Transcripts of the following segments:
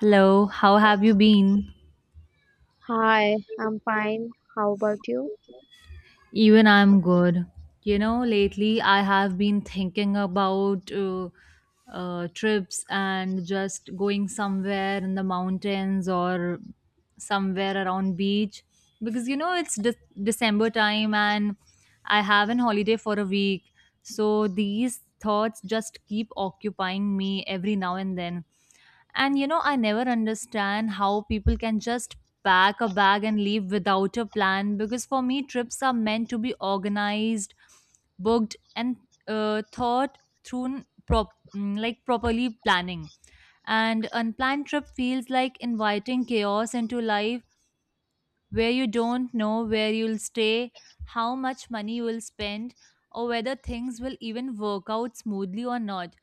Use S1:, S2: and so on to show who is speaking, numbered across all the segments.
S1: Hello, how have you been?
S2: Hi, I'm fine. How about you?
S1: Even I'm good. You know, lately I have been thinking about trips and just going somewhere in the mountains or somewhere around beach because you know it's December time and I have an holiday for a week. So these thoughts just keep occupying me every now and then. And you know, I never understand how people can just pack a bag and leave without a plan because for me, trips are meant to be organized, booked, and thought through like properly planning. And unplanned trip feels like inviting chaos into life where you don't know where you'll stay, how much money you will spend, or whether things will even work out smoothly or not.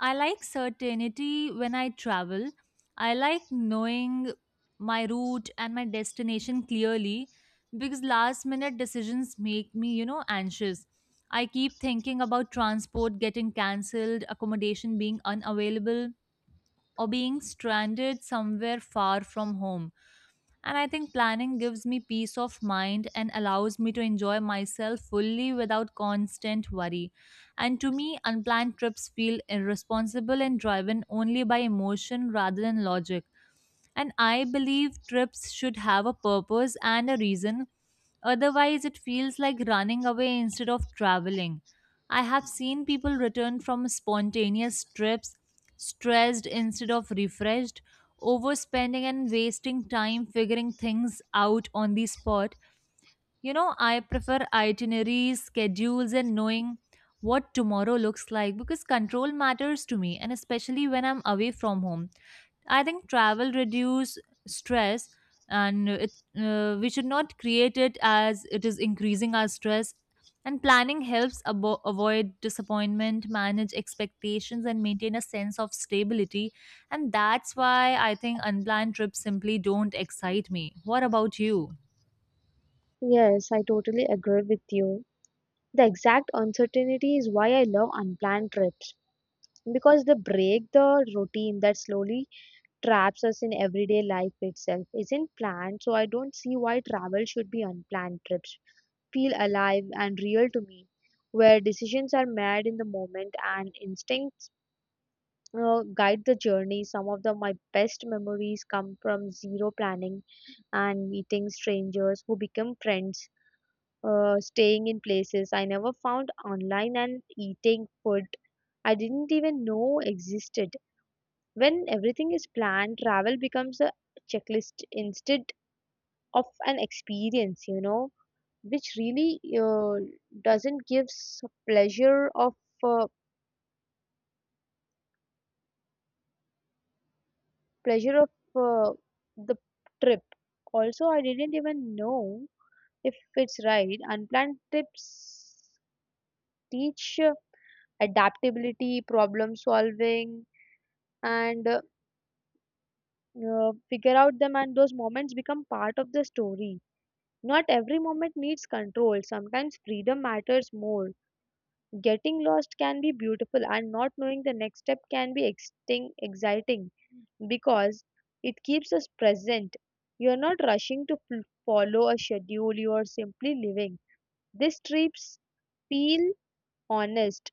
S1: I like certainty when I travel. I like knowing my route and my destination clearly because last minute decisions make me, you know, anxious. I keep thinking about transport getting cancelled, accommodation being unavailable, or being stranded somewhere far from home. And I think planning gives me peace of mind and allows me to enjoy myself fully without constant worry. And to me, unplanned trips feel irresponsible and driven only by emotion rather than logic. And I believe trips should have a purpose and a reason. Otherwise, it feels like running away instead of traveling. I have seen people return from spontaneous trips stressed instead of refreshed, overspending and wasting time figuring things out on the spot. You know, I prefer itineraries, schedules, and knowing what tomorrow looks like because control matters to me, and especially when I'm away from home. I think travel reduce stress, and it we should not create it as it is increasing our stress. And planning helps avoid disappointment, manage expectations, and maintain a sense of stability. And that's why I think unplanned trips simply don't excite me. What about you?
S2: Yes, I totally agree with you. The exact uncertainty is why I love unplanned trips because they break the routine that slowly traps us in everyday life itself. Isn't planned, so I don't see why travel should be unplanned trips. Feel alive and real to me, where decisions are made in the moment and instincts guide the journey. Some of the my best memories come from zero planning and meeting strangers who become friends, staying in places I never found online, and eating food I didn't even know existed. When everything is planned, travel becomes a checklist instead of an experience, which really doesn't give s- pleasure of uh, pleasure of uh, the trip. Also, I didn't even know if it's right. Unplanned trips teach adaptability, problem solving, and figure out them. And those moments become part of the story. Not every moment needs control. Sometimes freedom matters more. Getting lost can be beautiful, and not knowing the next step can be exciting because it keeps us present. You're not rushing to follow a schedule, you are simply living. These trips feel honest,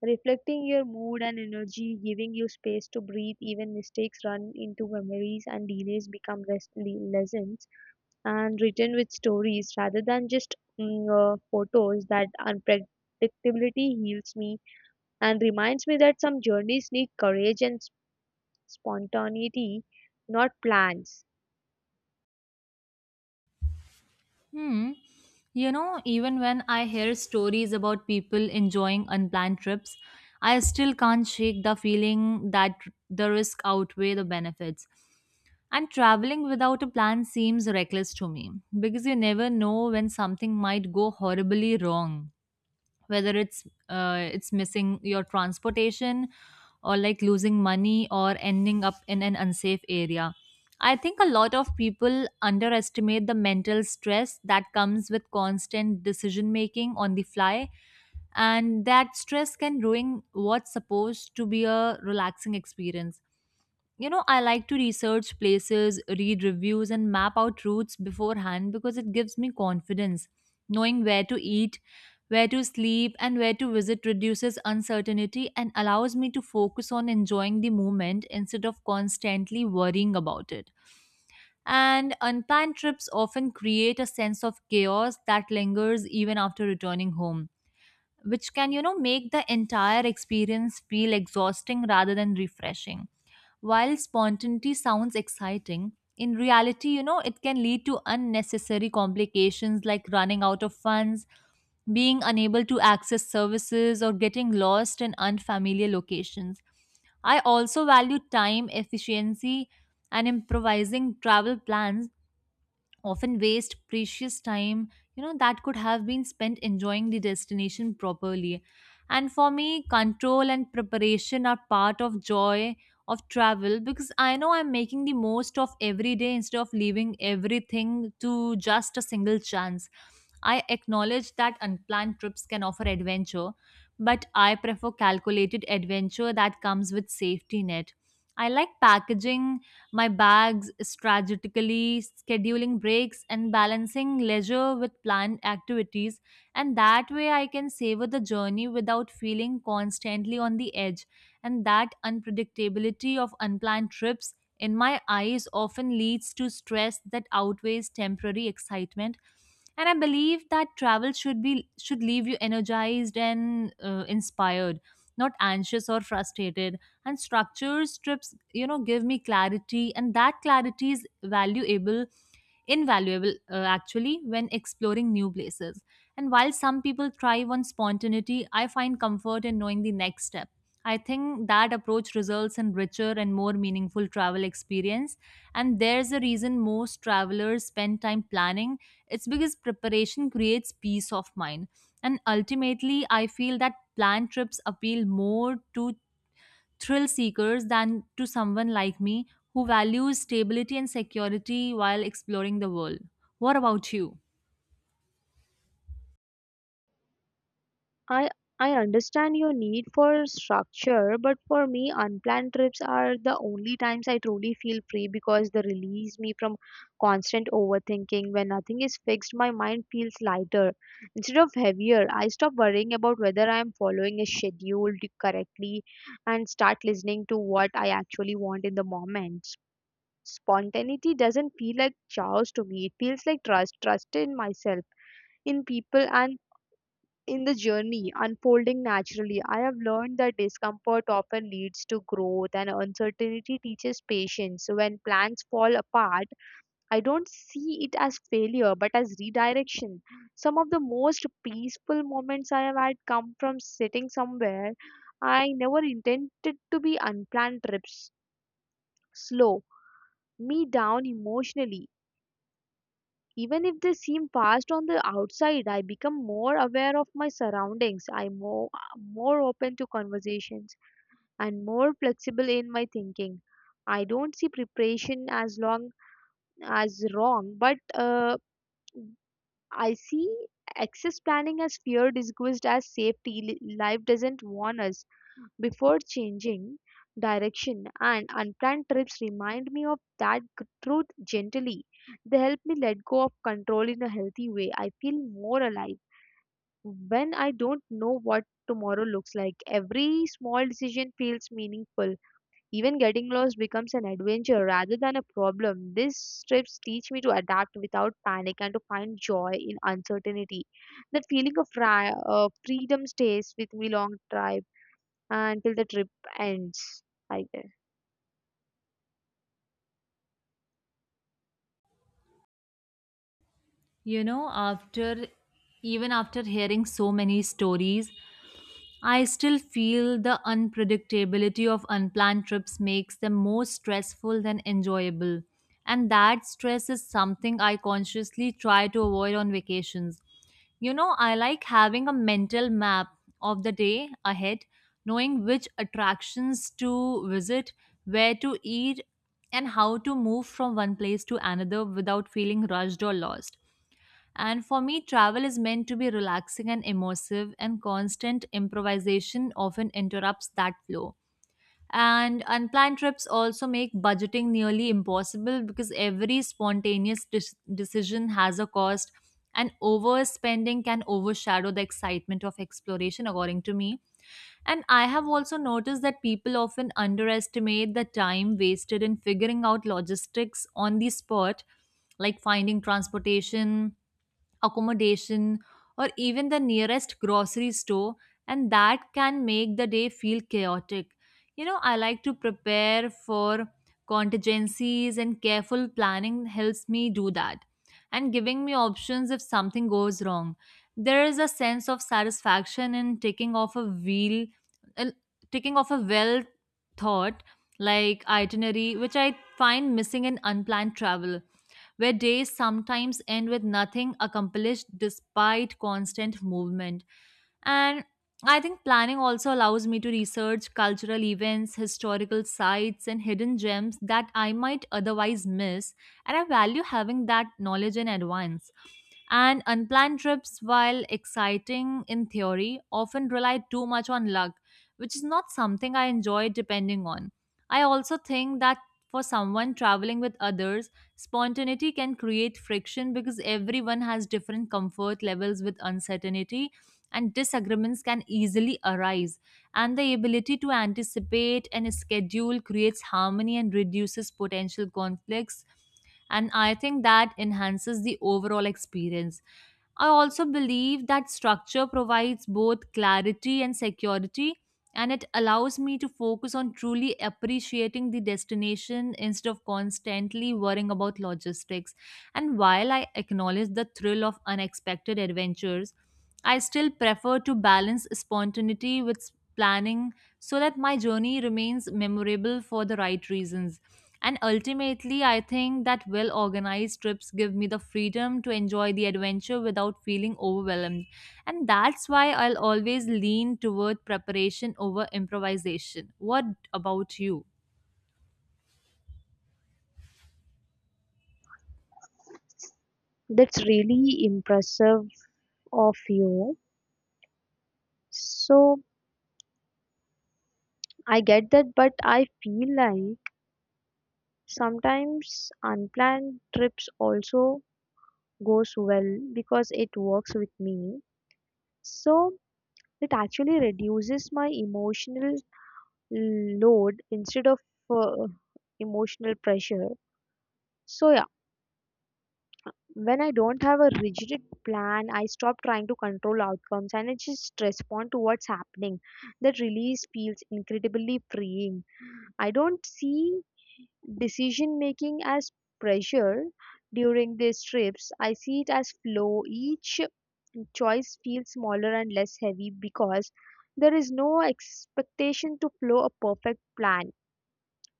S2: reflecting your mood and energy, giving you space to breathe. Even mistakes run into memories, and delays become lessons and written with stories rather than just photos. That unpredictability heals me and reminds me that some journeys need courage and spontaneity, not plans.
S1: Hmm. You know, even when I hear stories about people enjoying unplanned trips, I still can't shake the feeling that the risk outweigh the benefits. And traveling without a plan seems reckless to me because you never know when something might go horribly wrong, whether it's missing your transportation or like losing money or ending up in an unsafe area. I think a lot of people underestimate the mental stress that comes with constant decision making on the fly, and that stress can ruin what's supposed to be a relaxing experience. You know, I like to research places, read reviews, and map out routes beforehand because it gives me confidence. Knowing where to eat, where to sleep, and where to visit reduces uncertainty and allows me to focus on enjoying the moment instead of constantly worrying about it. And unplanned trips often create a sense of chaos that lingers even after returning home, which can, you know, make the entire experience feel exhausting rather than refreshing. While spontaneity sounds exciting, in reality, you know, it can lead to unnecessary complications like running out of funds, being unable to access services, or getting lost in unfamiliar locations. I also value time efficiency, and improvising travel plans often waste precious time, you know, that could have been spent enjoying the destination properly. And for me, control and preparation are part of joy of travel because I know I'm making the most of every day instead of leaving everything to just a single chance. I acknowledge that unplanned trips can offer adventure, but I prefer calculated adventure that comes with safety net. I like packaging my bags, strategically scheduling breaks, and balancing leisure with planned activities. And that way, I can savor the journey without feeling constantly on the edge. And that unpredictability of unplanned trips, in my eyes, often leads to stress that outweighs temporary excitement. And I believe that travel should be, should leave you energized and inspired, not anxious or frustrated. And structures trips, you know, give me clarity, and that clarity is valuable, invaluable, actually, when exploring new places. And while some people thrive on spontaneity, I find comfort in knowing the next step. I think that approach results in richer and more meaningful travel experience, and there's a reason most travelers spend time planning. It's because preparation creates peace of mind. And ultimately, I feel that planned trips appeal more to thrill seekers than to someone like me who values stability and security while exploring the world. What about you?
S2: I I understand your need for structure, but for me, unplanned trips are the only times I truly feel free because they release me from constant overthinking. When nothing is fixed, my mind feels lighter instead of heavier. I stop worrying about whether I am following a schedule correctly and start listening to what I actually want in the moment. Spontaneity doesn't feel like chaos to me. It feels like trust, trust in myself, in people, and in the journey unfolding naturally. I have learned that discomfort often leads to growth and uncertainty teaches patience. When plans fall apart, I don't see it as failure but as redirection. Some of the most peaceful moments I have had come from sitting somewhere I never intended to be. Unplanned trips slow me down emotionally. Even if they seem fast on the outside, I become more aware of my surroundings. I'm more open to conversations and more flexible in my thinking. I don't see preparation as long as wrong, but I see access planning as fear disguised as safety. Life doesn't warn us before changing direction, and unplanned trips remind me of that truth gently. They help me let go of control in a healthy way. I feel more alive when I don't know what tomorrow looks like. Every small decision feels meaningful. Even getting lost becomes an adventure rather than a problem. These trips teach me to adapt without panic and to find joy in uncertainty. That feeling of freedom stays with me long trip until the trip ends, I guess.
S1: You know, after, even after hearing so many stories, I still feel the unpredictability of unplanned trips makes them more stressful than enjoyable. And that stress is something I consciously try to avoid on vacations. You know, I like having a mental map of the day ahead, knowing which attractions to visit, where to eat, and how to move from one place to another without feeling rushed or lost. And for me, travel is meant to be relaxing and immersive, and constant improvisation often interrupts that flow. And unplanned trips also make budgeting nearly impossible because every spontaneous decision has a cost, and overspending can overshadow the excitement of exploration, according to me. And I have also noticed that people often underestimate the time wasted in figuring out logistics on the spot, like finding transportation, accommodation, or even the nearest grocery store, and that can make the day feel chaotic. You know, I like to prepare for contingencies, and careful planning helps me do that, and giving me options if something goes wrong. There is a sense of satisfaction in taking off a uh, taking off a well thought like itinerary, which I find missing in unplanned travel where days sometimes end with nothing accomplished despite constant movement. And I think planning also allows me to research cultural events, historical sites, and hidden gems that I might otherwise miss. And I value having that knowledge in advance. And unplanned trips, while exciting in theory, often rely too much on luck, which is not something I enjoy depending on. I also think that for someone traveling with others, spontaneity can create friction because everyone has different comfort levels with uncertainty, and disagreements can easily arise. And the ability to anticipate and schedule creates harmony and reduces potential conflicts. And I think that enhances the overall experience. I also believe that structure provides both clarity and security, and it allows me to focus on truly appreciating the destination instead of constantly worrying about logistics. And while I acknowledge the thrill of unexpected adventures, I still prefer to balance spontaneity with planning so that my journey remains memorable for the right reasons. And ultimately, I think that well organized trips give me the freedom to enjoy the adventure without feeling overwhelmed. And that's why I'll always lean toward preparation over improvisation. What about you?
S2: That's really impressive of you. So I get that, but I feel like sometimes unplanned trips also goes well because it works with me. So it actually reduces my emotional load instead of uh, emotional pressure. So, yeah, when I don't have a rigid plan, I stop trying to control outcomes and I just respond to what's happening. That release feels incredibly freeing. I don't see decision making as pressure during these trips. I see it as flow. Each choice feels smaller and less heavy because there is no expectation to flow a perfect plan.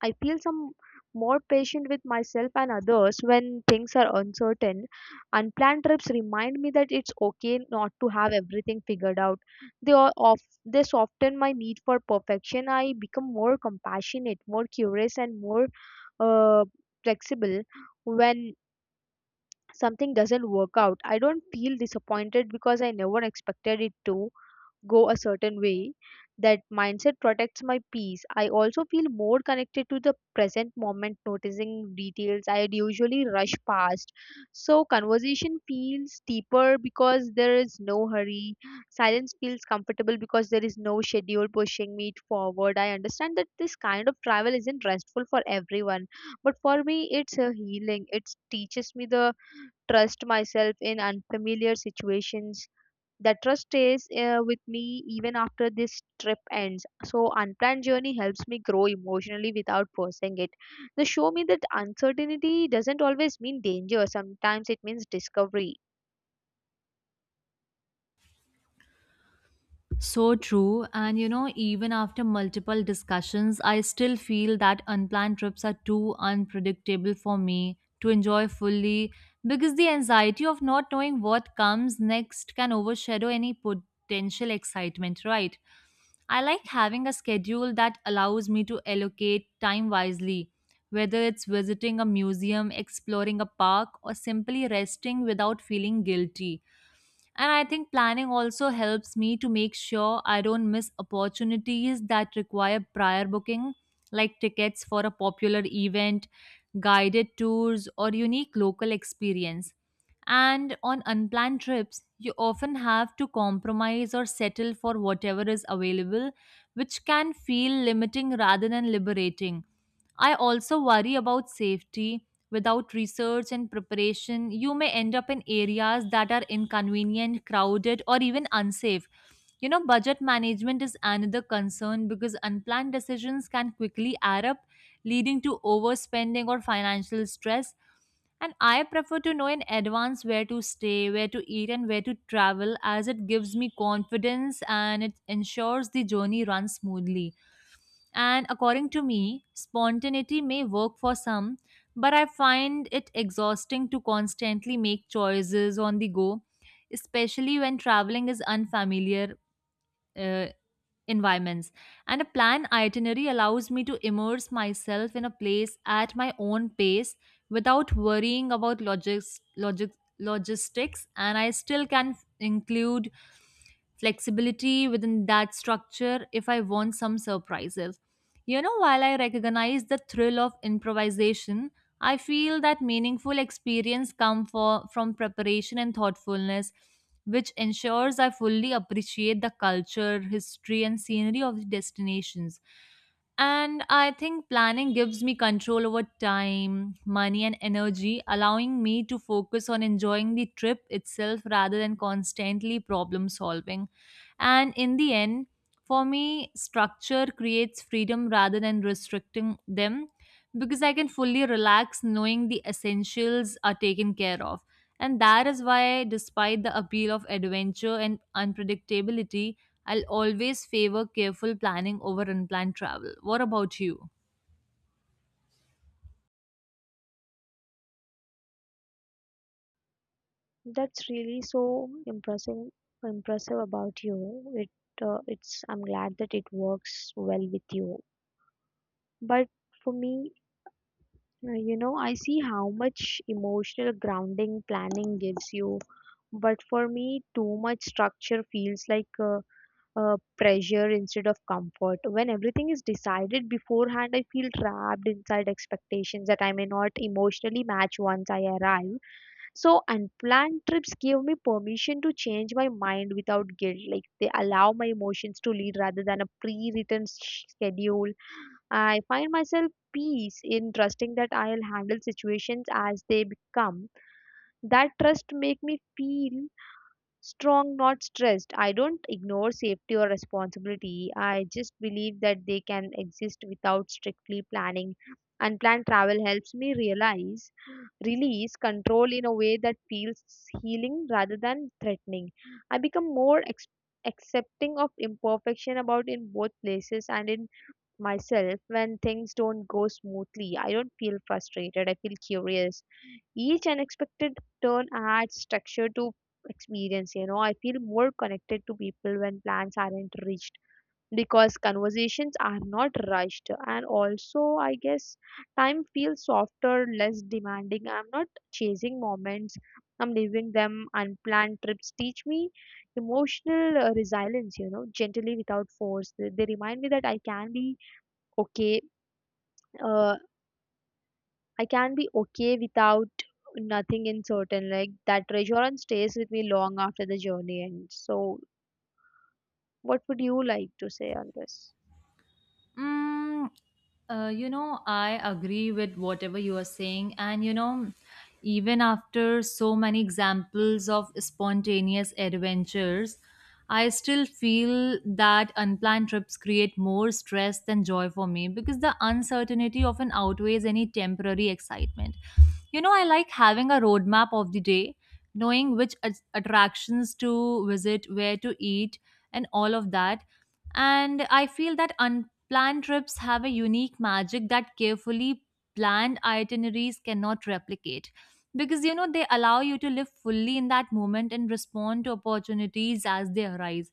S2: I feel some more patient with myself and others when things are uncertain. Unplanned trips remind me that it's okay not to have everything figured out. They are of They soften my need for perfection. I become more compassionate, more curious, and more uh, flexible when something doesn't work out. I don't feel disappointed because I never expected it to go a certain way. That mindset protects my peace. I also feel more connected to the present moment, noticing details I usually rush past. So conversation feels deeper because there is no hurry. Silence feels comfortable because there is no schedule pushing me forward. I understand that this kind of travel isn't restful for everyone, but for me it's a healing. It teaches me the trust myself in unfamiliar situations. That trust stays with me even after this trip ends. So unplanned journey helps me grow emotionally without forcing it. They show me that uncertainty doesn't always mean danger, sometimes it means discovery.
S1: So true. And you know, even after multiple discussions, I still feel that unplanned trips are too unpredictable for me to enjoy fully because the anxiety of not knowing what comes next can overshadow any potential excitement, right? I like having a schedule that allows me to allocate time wisely, whether it's visiting a museum, exploring a park, or simply resting without feeling guilty. And I think planning also helps me to make sure I don't miss opportunities that require prior booking, like tickets for a popular event, guided tours, or unique local experience. And on unplanned trips, you often have to compromise or settle for whatever is available, which can feel limiting rather than liberating. I also worry about safety. Without research and preparation, you may end up in areas that are inconvenient, crowded, or even unsafe. You know, budget management is another concern because unplanned decisions can quickly add up, leading to overspending or financial stress. And I prefer to know in advance where to stay, where to eat, and where to travel as it gives me confidence, and it ensures the journey runs smoothly. And according to me, spontaneity may work for some, but I find it exhausting to constantly make choices on the go, especially when traveling is unfamiliar uh, environments. And a planned itinerary allows me to immerse myself in a place at my own pace without worrying about logistics, and I still can include flexibility within that structure if I want some surprises. You know, while I recognize the thrill of improvisation, I feel that meaningful experience come from preparation and thoughtfulness, which ensures I fully appreciate the culture, history, and scenery of the destinations. And I think planning gives me control over time, money, and energy, allowing me to focus on enjoying the trip itself rather than constantly problem solving. And in the end, for me, structure creates freedom rather than restricting them because I can fully relax knowing the essentials are taken care of. And that is why, despite the appeal of adventure and unpredictability, I'll always favor careful planning over unplanned travel. What about you?
S2: That's really so impressive about you. It it's I'm glad that it works well with you. But for me, you know, I see how much emotional grounding planning gives you, but for me, too much structure feels like pressure instead of comfort. When everything is decided beforehand, I feel trapped inside expectations that I may not emotionally match once I arrive. So, unplanned trips give me permission to change my mind without guilt. Like, they allow my emotions to lead rather than a pre written schedule. I find myself peace in trusting that I'll handle situations as they become. That trust make me feel strong, not stressed. I don't ignore safety or responsibility. I just believe that they can exist without strictly planning. Unplanned travel helps me realize release control in a way that feels healing rather than threatening. I become more accepting of imperfection about in both places and in myself. When things don't go smoothly, I don't feel frustrated, I feel curious. Each unexpected turn adds structure to experience, you know. I feel more connected to people when plans aren't reached because conversations are not rushed, and also I guess time feels softer, less demanding. I'm not chasing moments. I'm leaving them. Unplanned trips teach me emotional resilience, you know, gently without force. They remind me that I can be okay, uh, without nothing in certain. Like, that reassurance stays with me long after the journey ends. So what would you like to say on this?
S1: Mm, you know, I agree with whatever you are saying. And, you know, even after so many examples of spontaneous adventures, I still feel that unplanned trips create more stress than joy for me because the uncertainty often outweighs any temporary excitement. You know, I like having a roadmap of the day, knowing which attractions to visit, where to eat, and all of that, and I feel that planned trips have a unique magic that carefully planned itineraries cannot replicate because, you know, they allow you to live fully in that moment and respond to opportunities as they arise.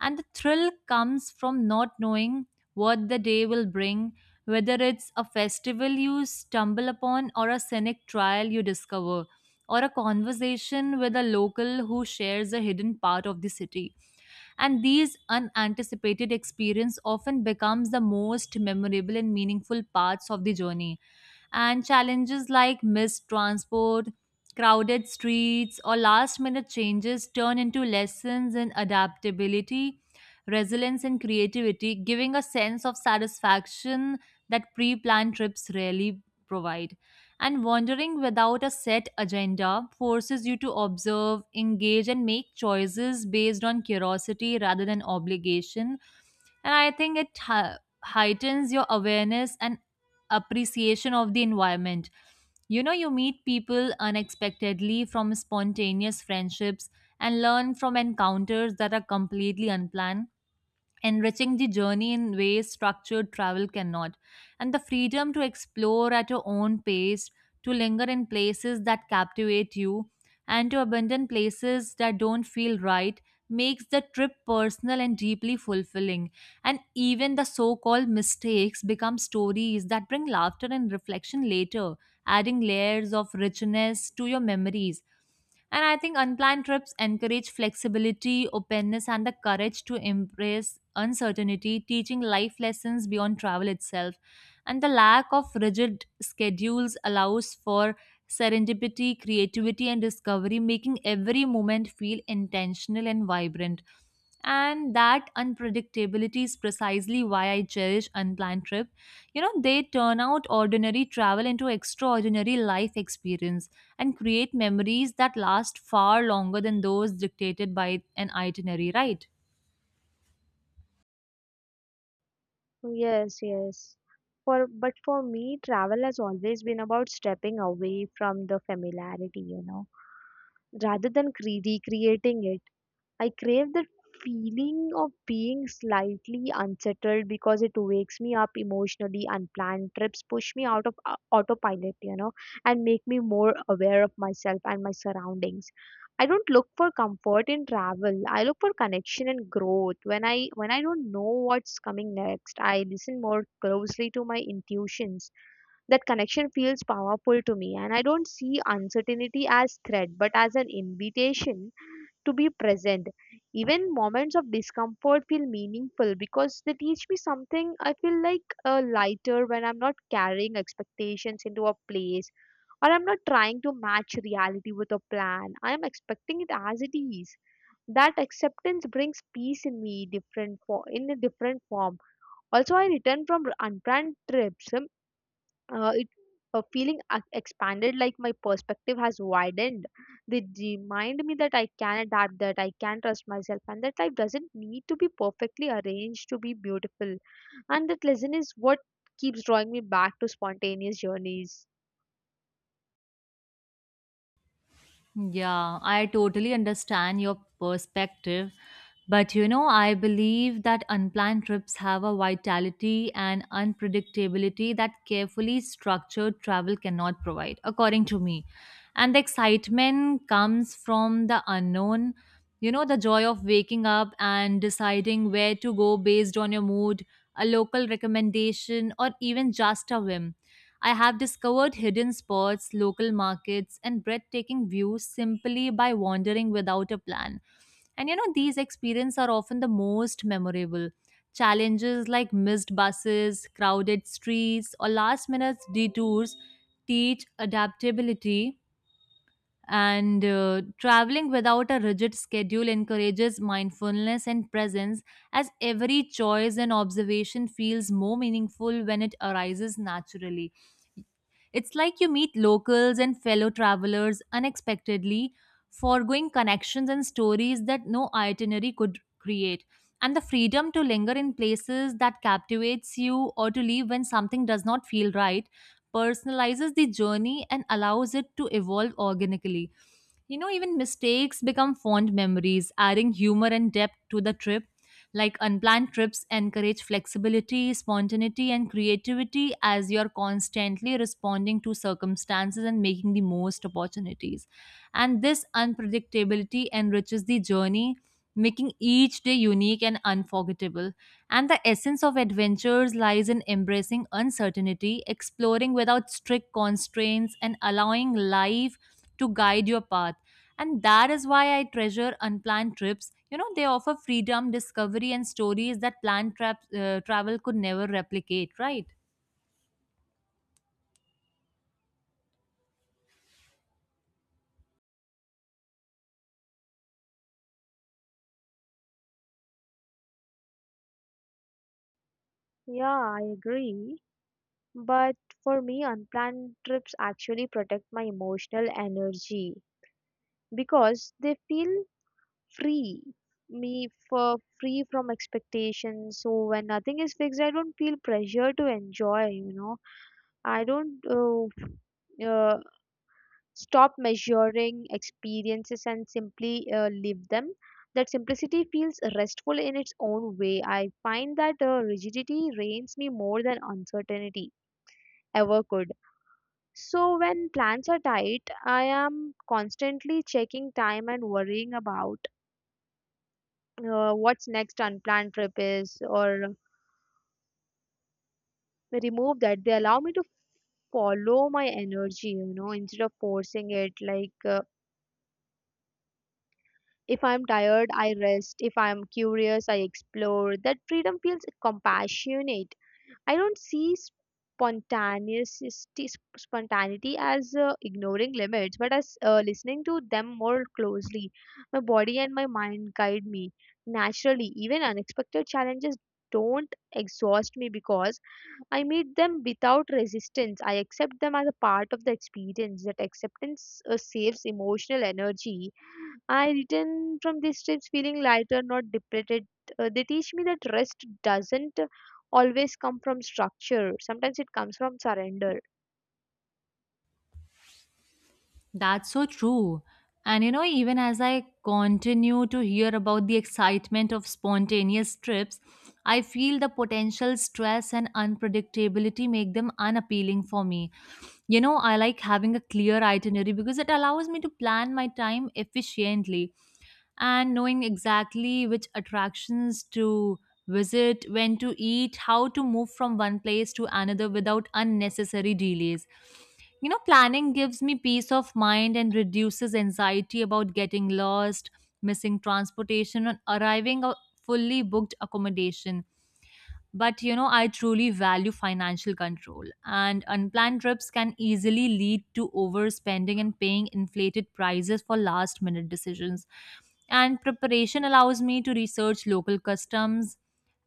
S1: And the thrill comes from not knowing what the day will bring, whether it's a festival you stumble upon or a scenic trial you discover or a conversation with a local who shares a hidden part of the city, and these unanticipated experience often becomes the most memorable and meaningful parts of the journey. And challenges like missed transport, crowded streets, or last minute changes turn into lessons in adaptability, resilience, and creativity, giving a sense of satisfaction that pre planned trips rarely provide. And wandering without a set agenda forces you to observe, engage, and make choices based on curiosity rather than obligation. And I think it heightens your awareness and appreciation of the environment. You know, you meet people unexpectedly from spontaneous friendships and learn from encounters that are completely unplanned, enriching the journey in ways structured travel cannot. And the freedom to explore at your own pace, to linger in places that captivate you, and to abandon places that don't feel right makes the trip personal and deeply fulfilling. And even the so called mistakes become stories that bring laughter and reflection later, adding layers of richness to your memories. And I think unplanned trips encourage flexibility, openness, and the courage to embrace uncertainty, teaching life lessons beyond travel itself. And the lack of rigid schedules allows for serendipity, creativity, and discovery, making every moment feel intentional and vibrant. And that unpredictability is precisely why I cherish unplanned trip. You know, they turn out ordinary travel into extraordinary life experience and create memories that last far longer than those dictated by an itinerary, right?
S2: Yes, yes. For But for me, travel has always been about stepping away from the familiarity, you know, rather than cre recreating it. I crave that feeling of being slightly unsettled because it wakes me up emotionally. Unplanned trips push me out of autopilot, you know, and make me more aware of myself and my surroundings. I don't look for comfort in travel. I look for connection and growth. When I don't know what's coming next, I listen more closely to my intuitions. That connection feels powerful to me, and I don't see uncertainty as threat but as an invitation to be present. Even moments of discomfort feel meaningful because they teach me something. I feel like lighter when I'm not carrying expectations into a place or I'm not trying to match reality with a plan. I am expecting it as it is. That acceptance brings peace in me different for in a different form. Also, I return from unplanned trips it feeling expanded, like my perspective has widened. They remind me that I can adapt, that I can trust myself, and that life doesn't need to be perfectly arranged to be beautiful. And that lesson is what keeps drawing me back to spontaneous journeys.
S1: Yeah, I totally understand your perspective. But, you know, I believe that unplanned trips have a vitality and unpredictability that carefully structured travel cannot provide, according to me. And the excitement comes from the unknown. You know, the joy of waking up and deciding where to go based on your mood, a local recommendation, or even just a whim. I have discovered hidden spots, local markets, and breathtaking views simply by wandering without a plan. And, you know, these experiences are often the most memorable. Challenges like missed buses, crowded streets, or last minute detours teach adaptability. And traveling without a rigid schedule encourages mindfulness and presence, as every choice and observation feels more meaningful when it arises naturally. It's like you meet locals and fellow travelers unexpectedly, foregoing connections and stories that no itinerary could create. And the freedom to linger in places that captivates you or to leave when something does not feel right personalizes the journey and allows it to evolve organically. You know, even mistakes become fond memories, adding humor and depth to the trip, like unplanned trips encourage flexibility, spontaneity, and creativity as you're constantly responding to circumstances and making the most opportunities. And this unpredictability enriches the journey, making each day unique and unforgettable. And the essence of adventures lies in embracing uncertainty, exploring without strict constraints, and allowing life to guide your path, and that is why I treasure unplanned trips. You know, they offer freedom, discovery, and stories that travel could never replicate, right?
S2: Yeah, I agree, but for me unplanned trips actually protect my emotional energy because they feel free me for free from expectations. So when nothing is fixed I don't feel pressure to enjoy, you know. I don't uh, stop measuring experiences and simply live them. That simplicity feels restful in its own way. I find that rigidity reigns me more than uncertainty ever could. So when plans are tight, I am constantly checking time and worrying about what's next. Unplanned trip is or remove that. They allow me to follow my energy, you know, instead of forcing it. Like, if I'm tired I rest, if I'm curious I explore. That freedom feels compassionate. I don't see spontaneity spontaneity as ignoring limits, but as listening to them more closely. My body and my mind guide me naturally. Even unexpected challenges don't exhaust me because I meet them without resistance. I accept them as a part of the experience. That acceptance saves emotional energy. I return from these trips feeling lighter, not depleted. They teach me that rest doesn't always come from structure. Sometimes it comes from surrender.
S1: That's so true. And, you know, even as I continue to hear about the excitement of spontaneous trips, I feel the potential stress and unpredictability make them unappealing for me. You know, I like having a clear itinerary because it allows me to plan my time efficiently and knowing exactly which attractions to visit, when to eat, how to move from one place to another without unnecessary delays. You know, planning gives me peace of mind and reduces anxiety about getting lost, missing transportation, and arriving at fully booked accommodation. But, you know, I truly value financial control, and unplanned trips can easily lead to overspending and paying inflated prices for last minute decisions. And preparation allows me to research local customs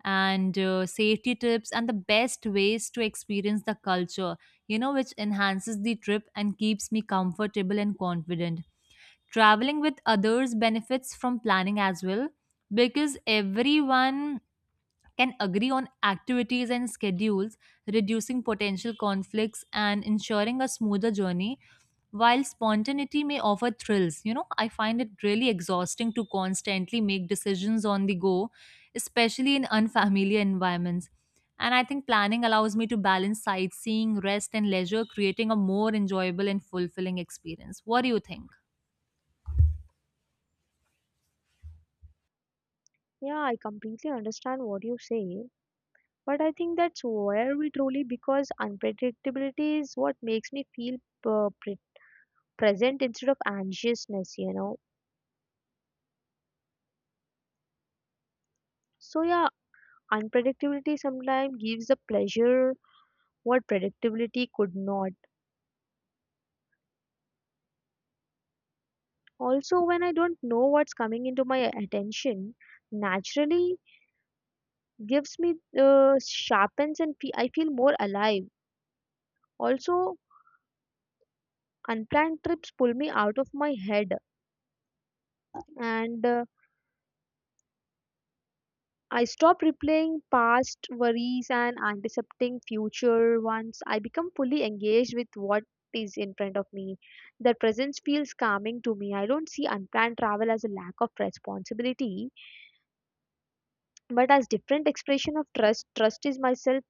S1: and safety tips and the best ways to experience the culture, you know, which enhances the trip and keeps me comfortable and confident. Traveling with others benefits from planning as well because everyone can agree on activities and schedules, reducing potential conflicts and ensuring a smoother journey. While spontaneity may offer thrills, you know, I find it really exhausting to constantly make decisions on the go, especially in unfamiliar environments. And I think planning allows me to balance sightseeing, rest, and leisure, creating a more enjoyable and fulfilling experience. What do you think?
S2: Yeah, I completely understand what you say. But I think that's where we truly, because unpredictability is what makes me feel uh, pre- present instead of anxiousness, you know. So, yeah, unpredictability sometimes gives a pleasure what predictability could not. Also, when I don't know what's coming into my attention, naturally gives me sharpens and I feel more alive. Also, unplanned trips pull me out of my head, and I stopped replaying past worries and anticipating future ones. I become fully engaged with what is in front of me. The presence feels calming to me. I don't see unplanned travel as a lack of responsibility, but as different expression of trust. Trust is myself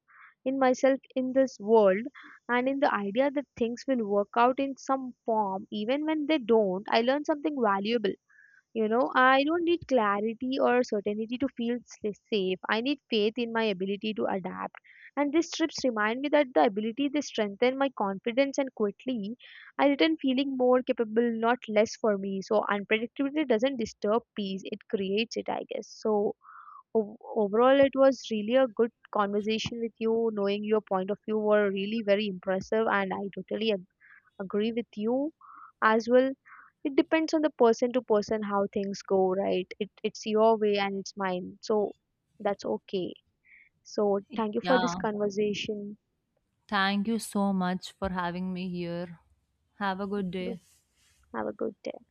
S2: in myself in this world and in the idea that things will work out in some form. Even when they don't, I learn something valuable, you know. I don't need clarity or certainty to feel safe. I need faith in my ability to adapt. And these trips remind me that the ability they strengthen my confidence, and quickly I return feeling more capable, not less for me. So unpredictability doesn't disturb peace, it creates it, I guess. So overall it was really a good conversation with you. Knowing your point of view were really very impressive and I totally agree with you as well. It depends on the person to person how things go, right? It's your way and it's mine, so that's okay. So thank you for this
S1: Yeah.
S2: conversation.
S1: Thank you so much for having me here. Have a good day.
S2: Have a good day.